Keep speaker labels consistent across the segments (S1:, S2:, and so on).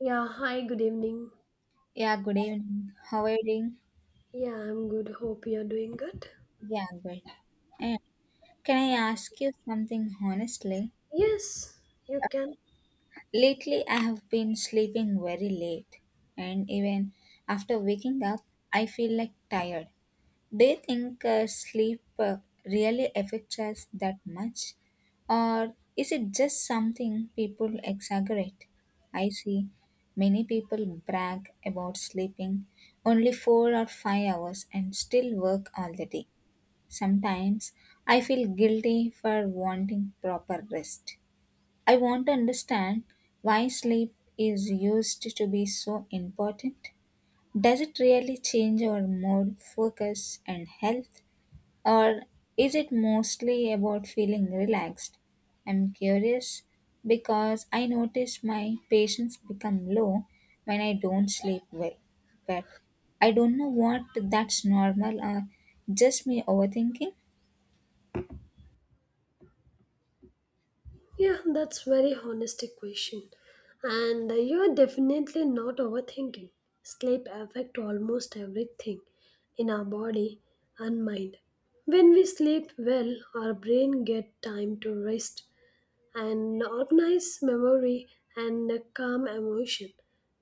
S1: Yeah, hi, good evening.
S2: Yeah, good evening. How are you doing?
S1: Yeah, I'm good. Hope you're doing good.
S2: Yeah, good. And can I ask you something honestly?
S1: Yes, you can.
S2: Lately, I have been sleeping very late, and even after waking up, I feel like tired. Do you think sleep really affects us that much, or is it just something people exaggerate? I see many people brag about sleeping only 4 or 5 hours and still work all the day. Sometimes I feel guilty for wanting proper rest. I want to understand why sleep is used to be so important. Does it really change our mood, focus, and health? Or is it mostly about feeling relaxed? I'm curious because I notice my patience become low when I don't sleep well. But I don't know what that's normal or just me overthinking.
S1: Yeah, that's very honestic question. And you are definitely not overthinking. Sleep affect almost everything in our body and mind. When we sleep well, our brain get time to rest an organized memory and a calm emotion.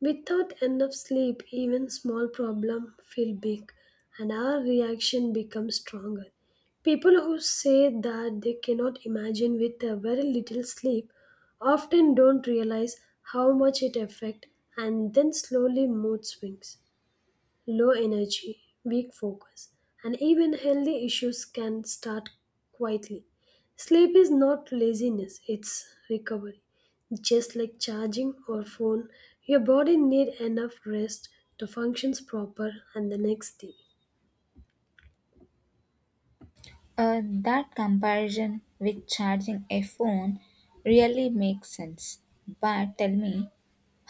S1: Without enough sleep, even small problems feel big and our reaction becomes stronger. People who say that they cannot imagine with a very little sleep often don't realize how much it affects and then slowly mood swings low energy, weak focus, and even healthy issues can start quietly. Sleep is not laziness, it's recovery. Just like charging or phone, your body need enough rest to functions proper and the next day.
S2: That comparison with charging a phone really makes sense. But tell me,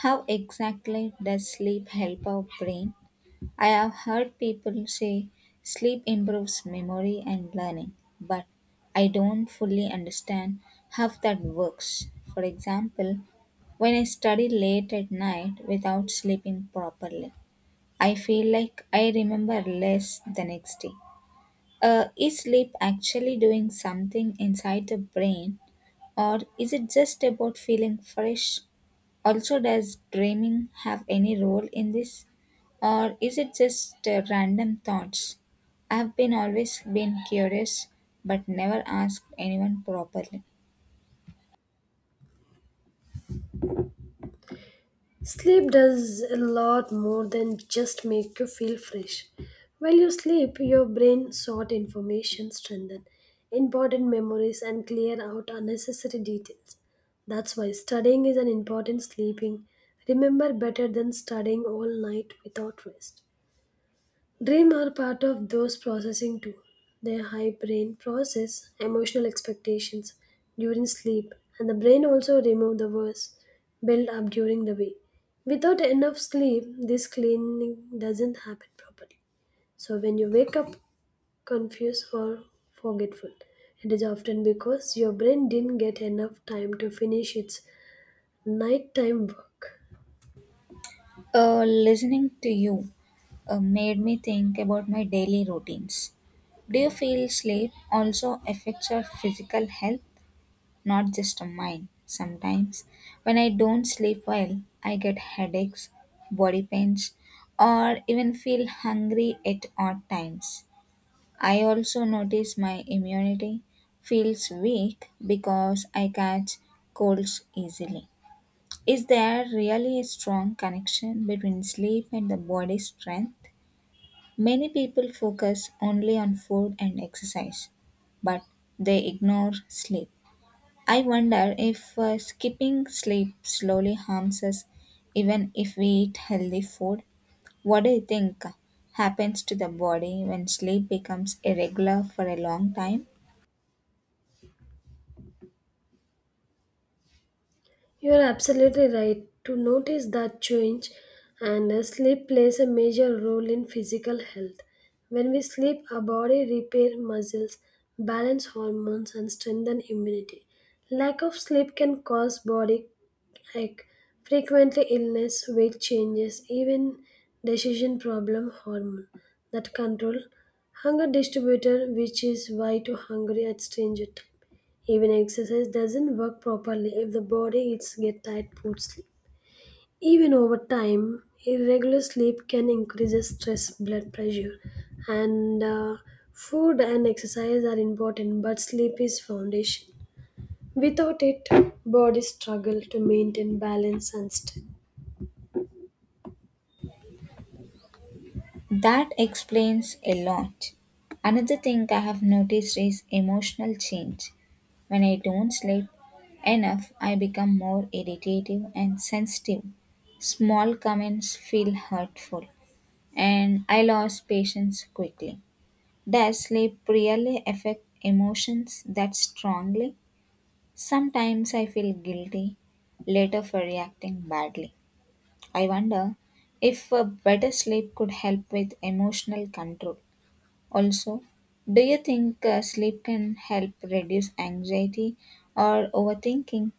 S2: how exactly does sleep help our brain? I have heard people say sleep improves memory and learning, but I don't fully understand how that works. For example, when I study late at night without sleeping properly, I feel like I remember less the next day. Is sleep actually doing something inside the brain, or is it just about feeling fresh? Also, does dreaming have any role in this, or is it just random thoughts? I've been always been curious, but never asked anyone properly.
S1: Sleep does a lot more than just make you feel fresh. While you sleep, your brain sorts information, strengthens important memories, and clear out unnecessary details. That's why studying is an important sleeping. Remember better than studying all night without rest. Dream are part of those processing too. Their high brain process emotional expectations during sleep, and the brain also remove the worst built up during the day. Without enough sleep, this cleaning doesn't happen properly. So when you wake up confused or forgetful, it is often because your brain didn't get enough time to finish its nighttime work.
S2: Listening to you made me think about my daily routines. Do you feel sleep also affects your physical health, not just mine? Sometimes, when I don't sleep well, I get headaches, body pains, or even feel hungry at odd times. I also notice my immunity feels weak because I catch colds easily. Is there really a strong connection between sleep and the body's strength? Many people focus only on food and exercise, but they ignore sleep. I wonder if skipping sleep slowly harms us even if we eat healthy food. What do you think happens to the body when sleep becomes irregular for a long time?
S1: You're absolutely right. To notice that change, and sleep plays a major role in physical health. When we sleep, our body repairs muscles, balance hormones, and strengthen immunity. Lack of sleep can cause body ache, frequently illness, weight changes, even decision problem hormone that control hunger distributor, which is why to hungry at stranger time. Even exercise doesn't work properly if the body is get tight poor sleep. Even over time, irregular sleep can increase the stress, blood pressure, and food and exercise are important, but sleep is foundation. Without it, body struggle to maintain balance and strength.
S2: That explains a lot. Another thing I have noticed is emotional change. When I don't sleep enough, I become more irritative and sensitive. Small comments feel hurtful, and I lose patience quickly. Does sleep really affect emotions that strongly? Sometimes I feel guilty later for reacting badly. I wonder if a better sleep could help with emotional control. Also, do you think sleep can help reduce anxiety or overthinking?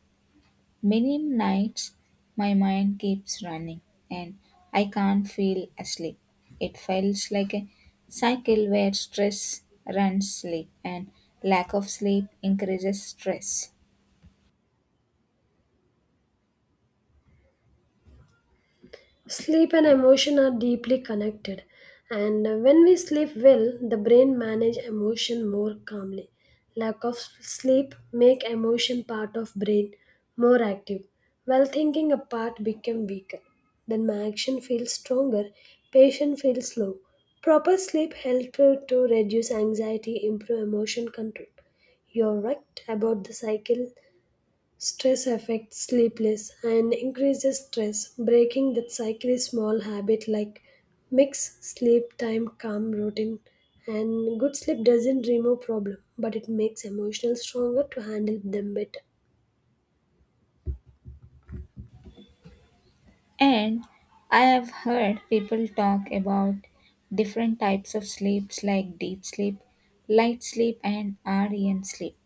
S2: Many nights my mind keeps running and I can't feel asleep. It feels like a cycle where stress runs sleep and lack of sleep increases stress.
S1: Sleep and emotion are deeply connected, and when we sleep well, the brain manage emotion more calmly. Lack of sleep make emotion part of brain more active, while thinking a part become weaker. Then my action feels stronger, patient feels slow. Proper sleep helps to reduce anxiety, improve emotion control. You're right about the cycle. Stress affects sleepless and increases stress. Breaking that cycle is small habit like mix sleep time calm routine and good sleep doesn't remove problem, but it makes emotional stronger to handle them better.
S2: And I have heard people talk about different types of sleeps like deep sleep, light sleep, and REM sleep.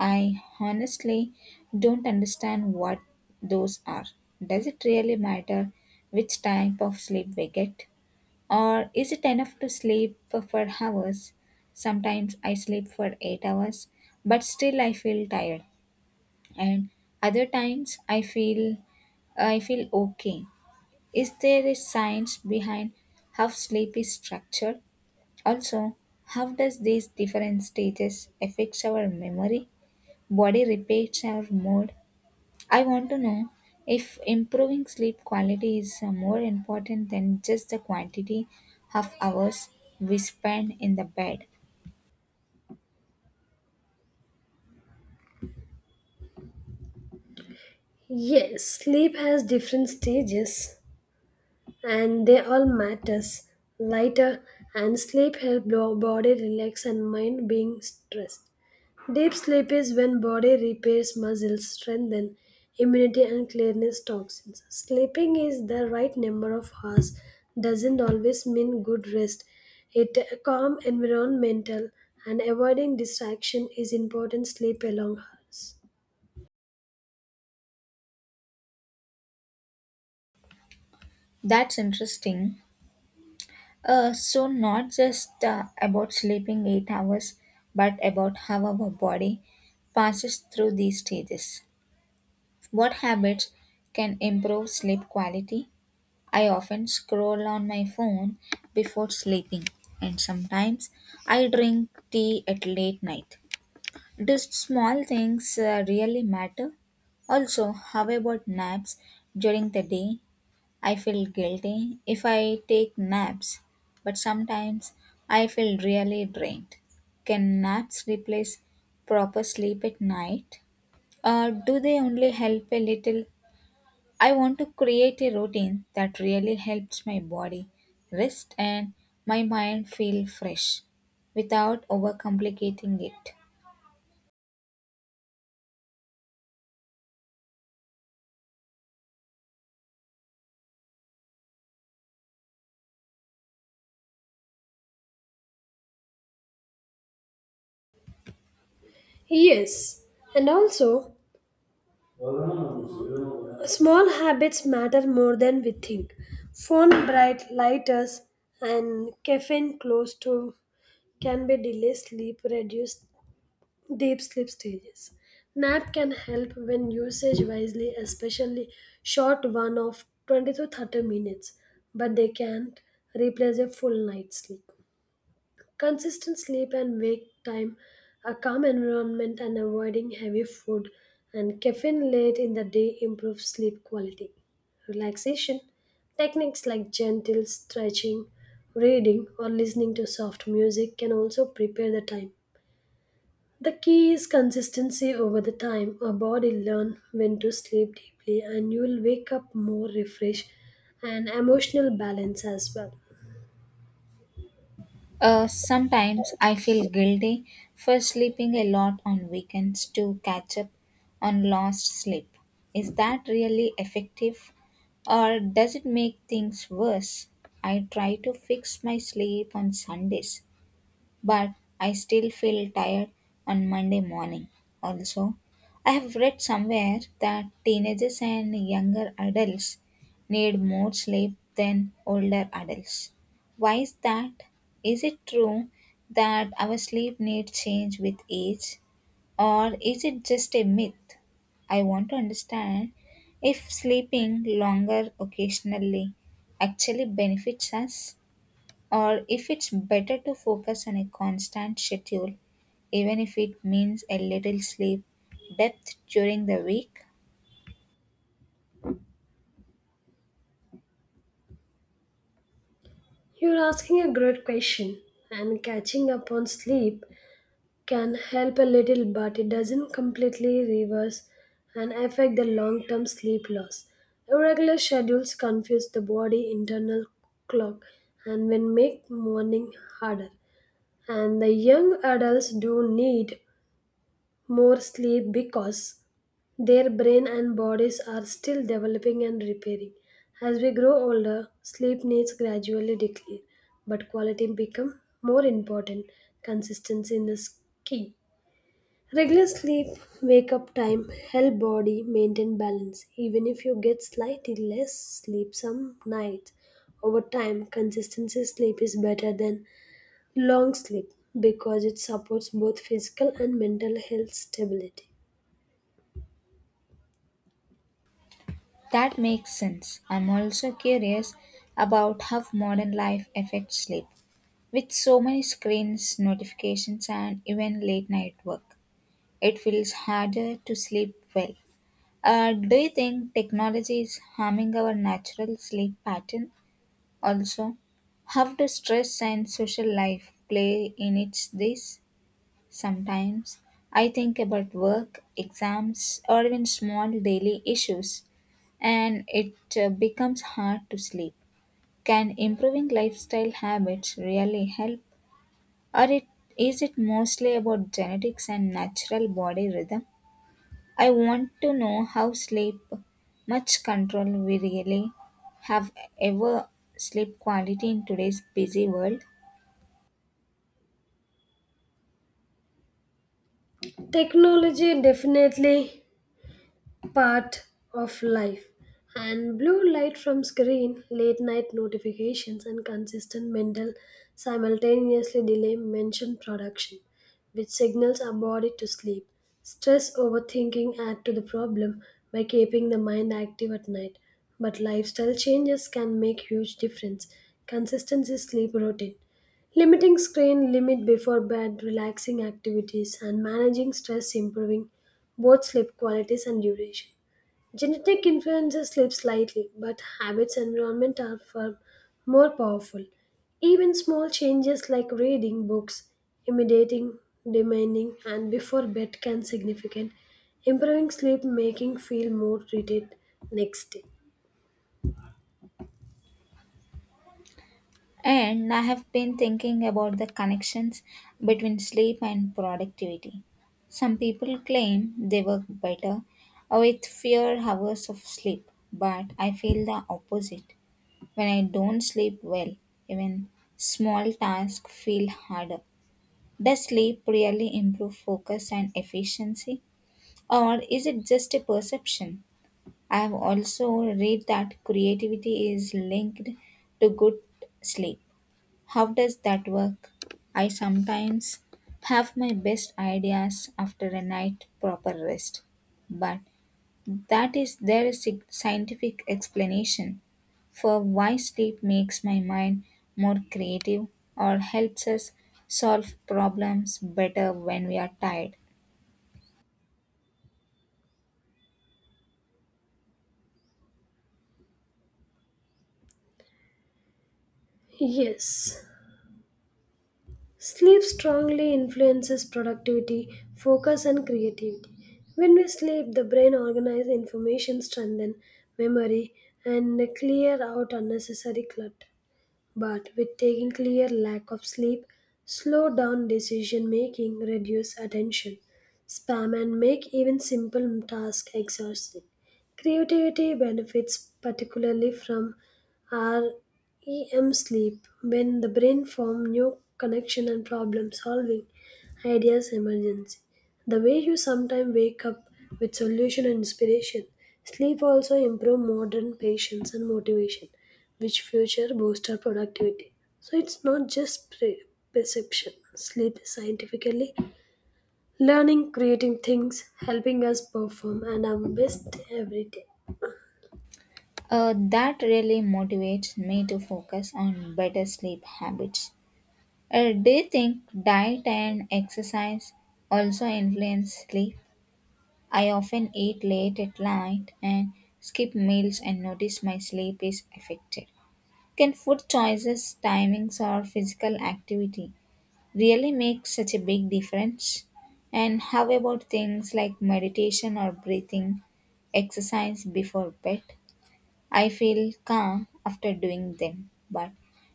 S2: I honestly don't understand what those are. Does it really matter which type of sleep we get? Or is it enough to sleep for hours? Sometimes I sleep for 8 hours, but still I feel tired. And other times I feel okay. Is there a science behind how sleep is structured? Also, how does these different stages affects our memory, body repeats our mood? I want to know if improving sleep quality is more important than just the quantity of hours we spend in the bed.
S1: Yes, sleep has different stages and they all matters. Lighter and sleep help body relax and mind being stressed. Deep sleep is when body repairs muscles, strengthen immunity and clears toxins. Sleeping is the right number of hours doesn't always mean good rest. It a calm environmental and avoiding distraction is important sleep along hours.
S2: That's interesting. So, not just about sleeping 8 hours, but about how our body passes through these stages. What habits can improve sleep quality? I often scroll on my phone before sleeping, and sometimes I drink tea at late night. Do small things really matter? Also, how about naps during the day? I feel guilty if I take naps, but sometimes I feel really drained. Can naps replace proper sleep at night? Or do they only help a little? I want to create a routine that really helps my body rest and my mind feel fresh without overcomplicating it.
S1: Yes, and also small habits matter more than we think. Phone bright lighters and caffeine close to can be delay sleep, reduce deep sleep stages. Nap can help when usage wisely, especially short one of 20 to 30 minutes, but they can't replace a full night's sleep. Consistent sleep and wake time, a calm environment, and avoiding heavy food and caffeine late in the day improve sleep quality. Relaxation techniques like gentle stretching, reading, or listening to soft music can also prepare the time. The key is consistency over the time. Our body learn when to sleep deeply and you will wake up more refreshed and emotional balance as well.
S2: Sometimes I feel guilty for sleeping a lot on weekends to catch up on lost sleep. Is that really effective or does it make things worse? I try to fix my sleep on Sundays, but I still feel tired on Monday morning. Also, I have read somewhere that teenagers and younger adults need more sleep than older adults. Why is that? Is it true that our sleep needs change with age, or is it just a myth? I want to understand if sleeping longer occasionally actually benefits us or if it's better to focus on a constant schedule, even if it means a little sleep depth during the week.
S1: You're asking a great question and catching up on sleep can help a little but it doesn't completely reverse and affect the long-term sleep loss. Irregular schedules confuse the body internal clock and will make morning harder and the young adults do need more sleep because their brain and bodies are still developing and repairing. As we grow older, sleep needs gradually decline, but quality become more important. Consistency is key. Regular sleep, wake up time help body maintain balance. Even if you get slightly less sleep some nights, over time, consistency sleep is better than long sleep because it supports both physical and mental health stability.
S2: That makes sense. I'm also curious about how modern life affects sleep. With so many screens, notifications, and even late night work, it feels harder to sleep well. Do you think technology is harming our natural sleep pattern? Also, how do stress and social life play in its this? Sometimes I think about work, exams, or even small daily issues, and it becomes hard to sleep. Can improving lifestyle habits really help, or is it mostly about genetics and natural body rhythm? I want to know how sleep, much control we really have ever sleep quality in today's busy world.
S1: Technology definitely part of life and blue light from screen late night notifications and consistent mental simultaneously delay mentioned production which signals our body to sleep stress overthinking add to the problem by keeping the mind active at night but lifestyle changes can make huge difference consistency sleep routine limiting screen limit before bed relaxing activities and managing stress improving both sleep qualities and duration. Genetic influences sleep slightly, but habits and environment are far more powerful. Even small changes like reading books, imitating, demanding, and before bed can significant, improving sleep making feel more retained next day.
S2: And I have been thinking about the connections between sleep and productivity. Some people claim they work better with fewer hours of sleep, but I feel the opposite. When I don't sleep well, even small tasks feel harder. Does sleep really improve focus and efficiency, or is it just a perception? I have also read that creativity is linked to good sleep. How does that work? I sometimes have my best ideas after a night proper rest, but that is there is a scientific explanation for why sleep makes my mind more creative or helps us solve problems better when we are tired.
S1: Yes. Sleep strongly influences productivity, focus, and creativity. When we sleep, the brain organizes information, strengthens memory, and clear out unnecessary clutter but with taking clear lack of sleep, slow down decision making, reduce attention spam, and make even simple tasks exhausting. Creativity benefits particularly from our REM sleep when the brain forms new connection and problem solving ideas emergency. The way you sometimes wake up with solution and inspiration, sleep also improve modern patience and motivation which future boost our productivity. So it's not just perception. Sleep is scientifically learning, creating things, helping us perform and our best every day.
S2: That really motivates me to focus on better sleep habits. Do you think diet and exercise also influence sleep? I often eat late at night and skip meals and notice my sleep is affected. Can food choices, timings, or physical activity really make such a big difference? And how about things like meditation or breathing exercise before bed? I feel calm after doing them, but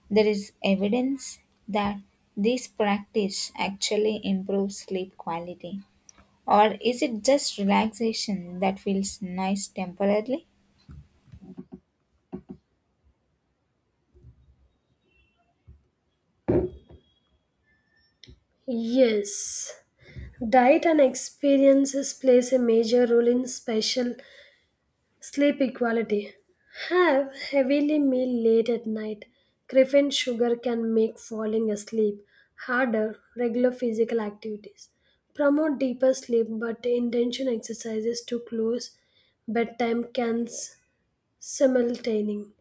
S2: there is evidence that this practice actually improves sleep quality. Or is it just relaxation that feels nice temporarily?
S1: Yes, diet and experiences plays a major role in special sleep equality. Have heavily meal late at night. Caffeine sugar can make falling asleep harder. Regular physical activities. Promote deeper sleep, but intention exercises to close bedtime can simultaneously.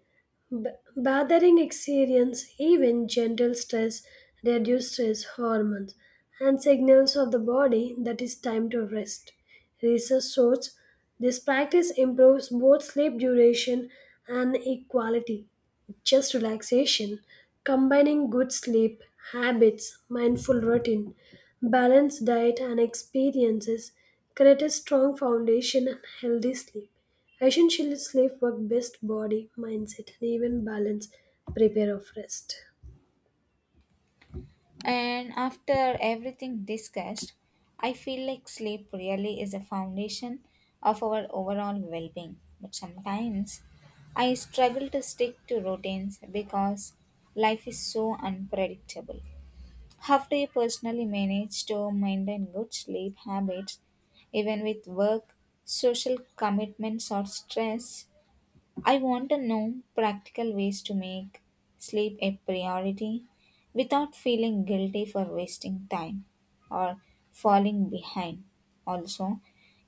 S1: B- bathing experience even gentle stress reduce stress hormones and signals of the body that is time to rest research shows this practice improves both sleep duration and equality just relaxation combining good sleep habits mindful routine balanced diet and experiences create a strong foundation and healthy sleep. Essentially, sleep work best body, mindset, and even balance prepare of rest.
S2: And after everything discussed, I feel like sleep really is the foundation of our overall well being. But sometimes I struggle to stick to routines because life is so unpredictable. How do you personally manage to maintain good sleep habits even with work, social commitments, or stress? I want to know practical ways to make sleep a priority without feeling guilty for wasting time or falling behind. Also,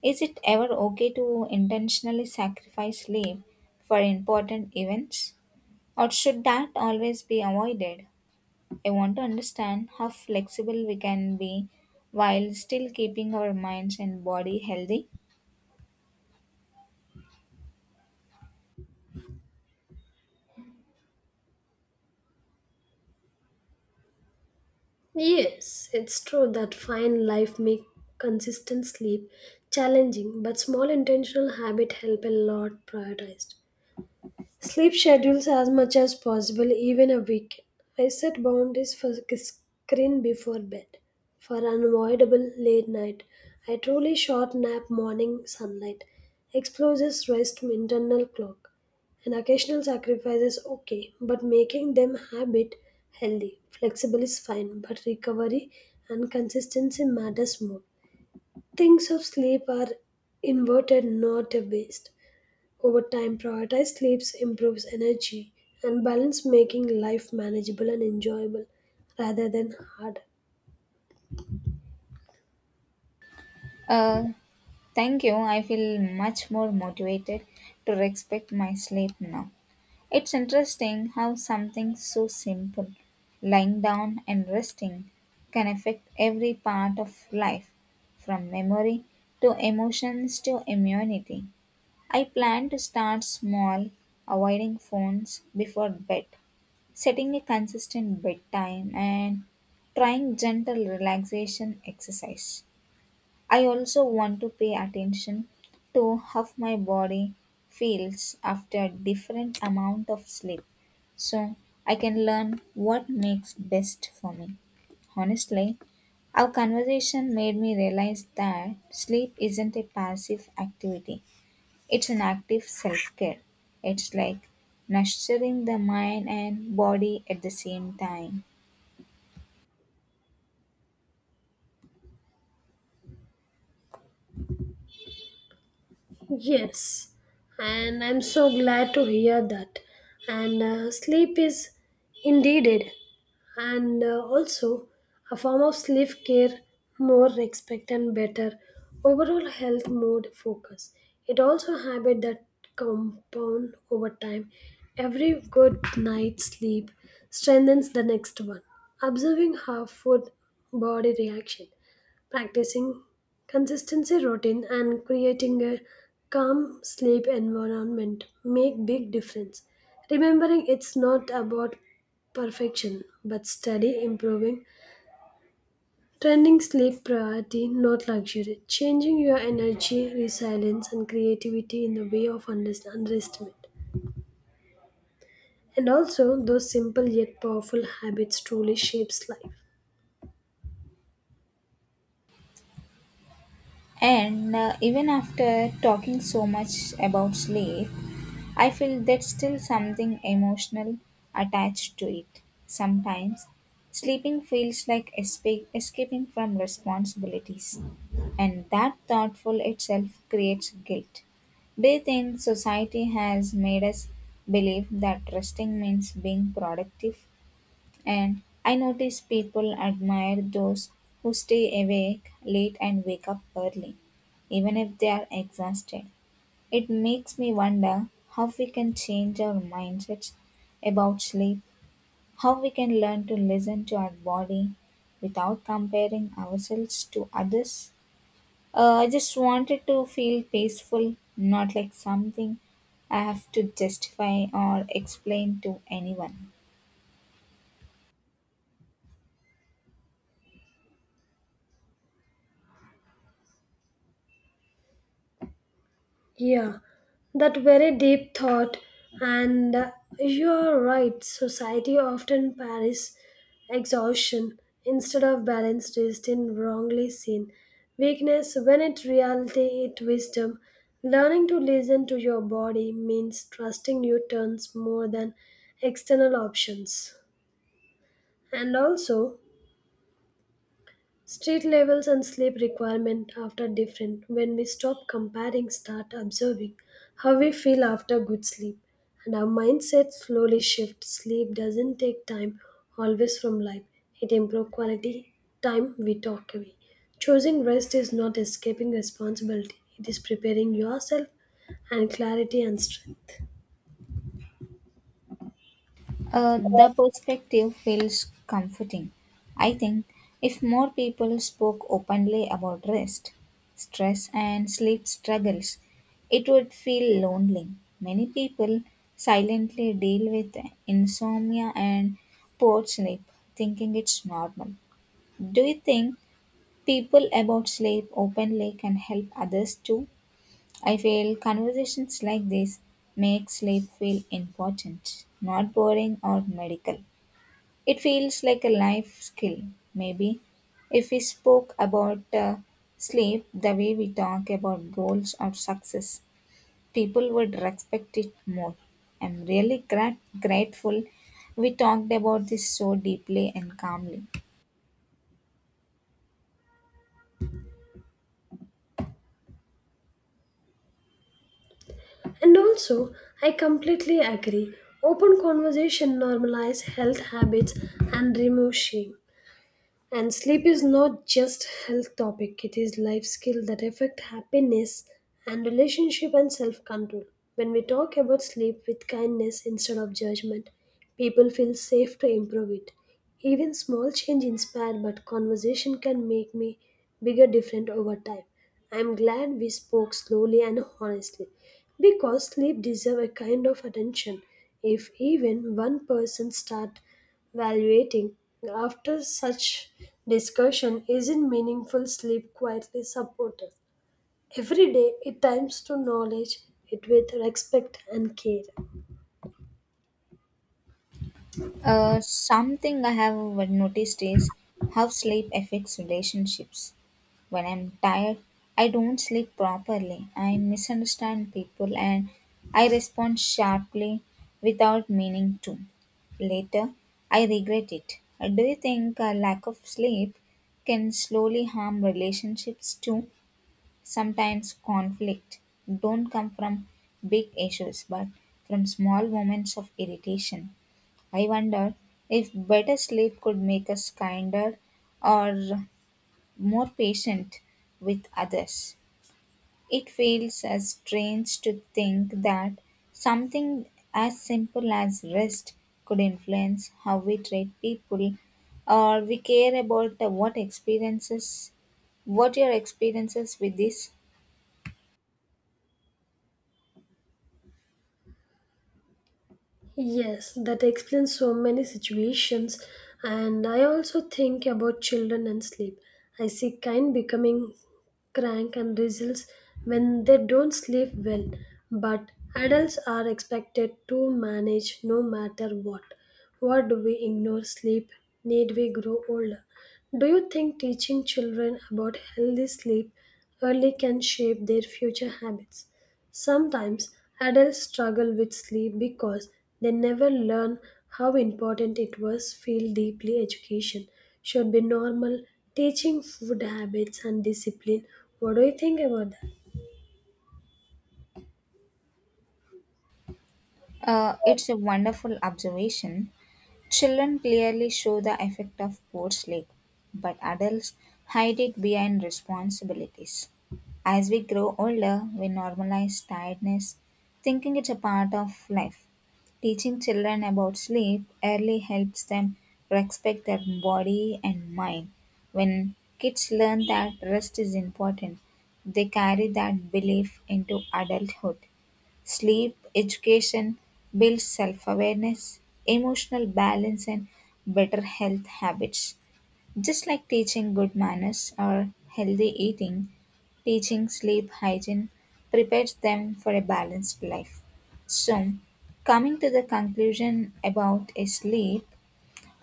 S2: is it ever okay to intentionally sacrifice sleep for important events or should that always be avoided? I want to understand how flexible we can be while still keeping our minds and body healthy.
S1: Yes, it's true that fine life make consistent sleep challenging, but small intentional habit help a lot prioritized. Sleep schedules as much as possible, even a weekend. I set boundaries for screen before bed. For unavoidable late night, I truly short nap morning sunlight. Explores rest internal clock. And occasional sacrifices okay, but making them habit healthy. Flexible is fine, but recovery and consistency matters more. Things of sleep are inverted, not a waste. Over time, prioritized sleeps improves energy and balance, making life manageable and enjoyable rather than hard.
S2: Uh, thank you. I feel much more motivated to respect my sleep now. It's interesting how something so simple, lying down and resting, can affect every part of life, from memory to emotions to immunity. I plan to start small, avoiding phones before bed, setting a consistent bedtime, and trying gentle relaxation exercise. I also want to pay attention to how my body feels after different amount of sleep so I can learn what makes best for me. Honestly, our conversation made me realize that sleep isn't a passive activity. It's an active self-care. It's like nurturing the mind and body at the same time.
S1: Yes, and I'm so glad to hear that. And sleep is indeed it, and also a form of sleep care, more respect and better overall health, mood, focus. It also a habit that compound over time. Every good night's sleep strengthens the next one. Observing how food body reaction practicing consistency routine and creating a calm sleep environment make big difference. Remembering it's not about perfection but steady improving. Trending sleep priority, not luxury. Changing your energy, resilience, and creativity in the way of underestimate. And also, those simple yet powerful habits truly shapes life.
S2: And even after talking so much about sleep, I feel there's still something emotional attached to it. Sometimes sleeping feels like escaping from responsibilities, and that thoughtful itself creates guilt. Do you think society has made us believe that resting means being productive? And I notice people admire those who stay awake late and wake up early, even if they are exhausted. It makes me wonder how we can change our mindsets about sleep, how we can learn to listen to our body without comparing ourselves to others. I just wanted to feel peaceful, not like something I have to justify or explain to anyone.
S1: Yeah, that very deep thought, and you are right. Society often parries exhaustion instead of balanced is in wrongly seen. Weakness, when it reality, it wisdom. Learning to listen to your body means trusting your turns more than external options. And also, Street levels and sleep requirement after different when we stop comparing start observing how we feel after good sleep and our mindset slowly shifts sleep doesn't take time always from life it improves quality time we talk away choosing rest is not escaping responsibility it is preparing yourself and clarity and strength
S2: The perspective feels comforting. I think if more people spoke openly about rest, stress, and sleep struggles, it would feel lonely. Many people silently deal with insomnia and poor sleep, thinking it's normal. Do you think people about sleep openly can help others too? I feel conversations like this make sleep feel important, not boring or medical. It feels like a life skill, maybe. If we spoke about sleep the way we talk about goals or success, people would respect it more. I'm really grateful we talked about this so deeply and calmly.
S1: and also, I completely agree. Open conversation normalize health habits and remove shame. And sleep is not just health topic, it is life skill that affect happiness and relationship and self-control. When we talk about sleep with kindness instead of judgment, people feel safe to improve it. Even small change inspire but conversation can make me bigger different over time. I'm glad we spoke slowly and honestly because sleep deserve a kind of attention. If even one person start valuating after such discussion isn't meaningful sleep quietly supported. Every day it times to knowledge it with respect and care.
S2: Something I have noticed is how sleep affects relationships. When I'm tired, I don't sleep properly. I misunderstand people and I respond sharply without meaning to. Later, I regret it. Do you think a lack of sleep can slowly harm relationships too? Sometimes conflict don't come from big issues but from small moments of irritation. I wonder if better sleep could make us kinder or more patient with others. It feels as strange to think that something as simple as rest could influence how we treat people or we care about what your experiences with this?
S1: Yes, that explains so many situations. And I also think about children and sleep. I see kind becoming crank and results when they don't sleep well, but adults are expected to manage no matter what. What do we ignore sleep? Need we grow older? Do you think teaching children about healthy sleep early can shape their future habits? Sometimes adults struggle with sleep because they never learn how important it was feel deeply education should be normal teaching food habits and discipline. What do you think about that?
S2: It's a wonderful observation. Children clearly show the effect of poor sleep, but adults hide it behind responsibilities. As we grow older, we normalize tiredness, thinking it's a part of life. Teaching children about sleep early helps them respect their body and mind. When kids learn that rest is important, they carry that belief into adulthood. Sleep education builds self awareness, emotional balance, and better health habits. Just like teaching good manners or healthy eating, teaching sleep hygiene prepares them for a balanced life. So, coming to the conclusion about a sleep,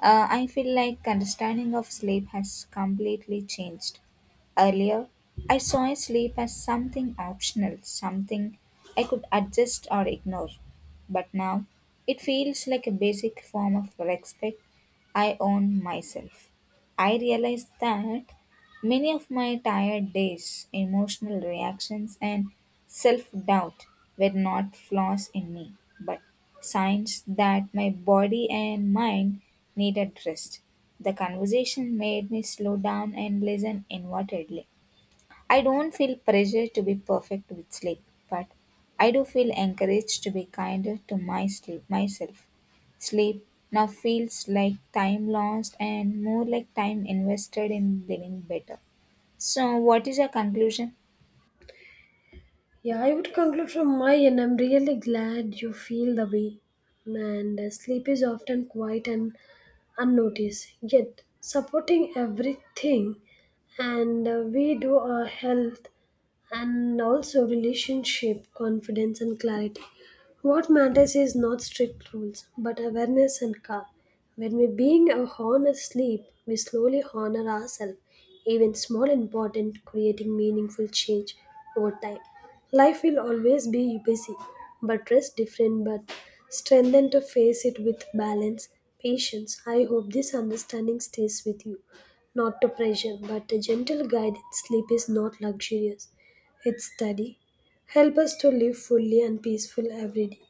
S2: I feel like understanding of sleep has completely changed. Earlier, I saw sleep as something optional, something I could adjust or ignore. But now, it feels like a basic form of respect I own myself. I realize that many of my tired days, emotional reactions, and self doubt were not flaws in me, but signs that my body and mind needed rest. The conversation made me slow down and listen inwardly. I don't feel pressure to be perfect with sleep, but I do feel encouraged to be kinder to my sleep myself. Sleep now feels like time lost and more like time invested in living better. So what is your conclusion?
S1: Yeah, I would conclude from my end. I'm really glad you feel the way. And sleep is often quiet and unnoticed, yet supporting everything. And we do our health and also relationship, confidence, and clarity. What matters is not strict rules, but awareness and care. When we being a honor sleep, we slowly honor ourselves, even small and important, creating meaningful change over time. Life will always be busy, but rest different but strengthen to face it with balance, patience. I hope this understanding stays with you. Not to pressure, but a gentle guidance. Sleep is not luxurious. It's study. Help us to live fully and peaceful every day.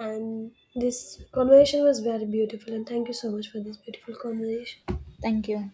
S1: And this conversation was very beautiful and thank you so much for this beautiful conversation.
S2: Thank you.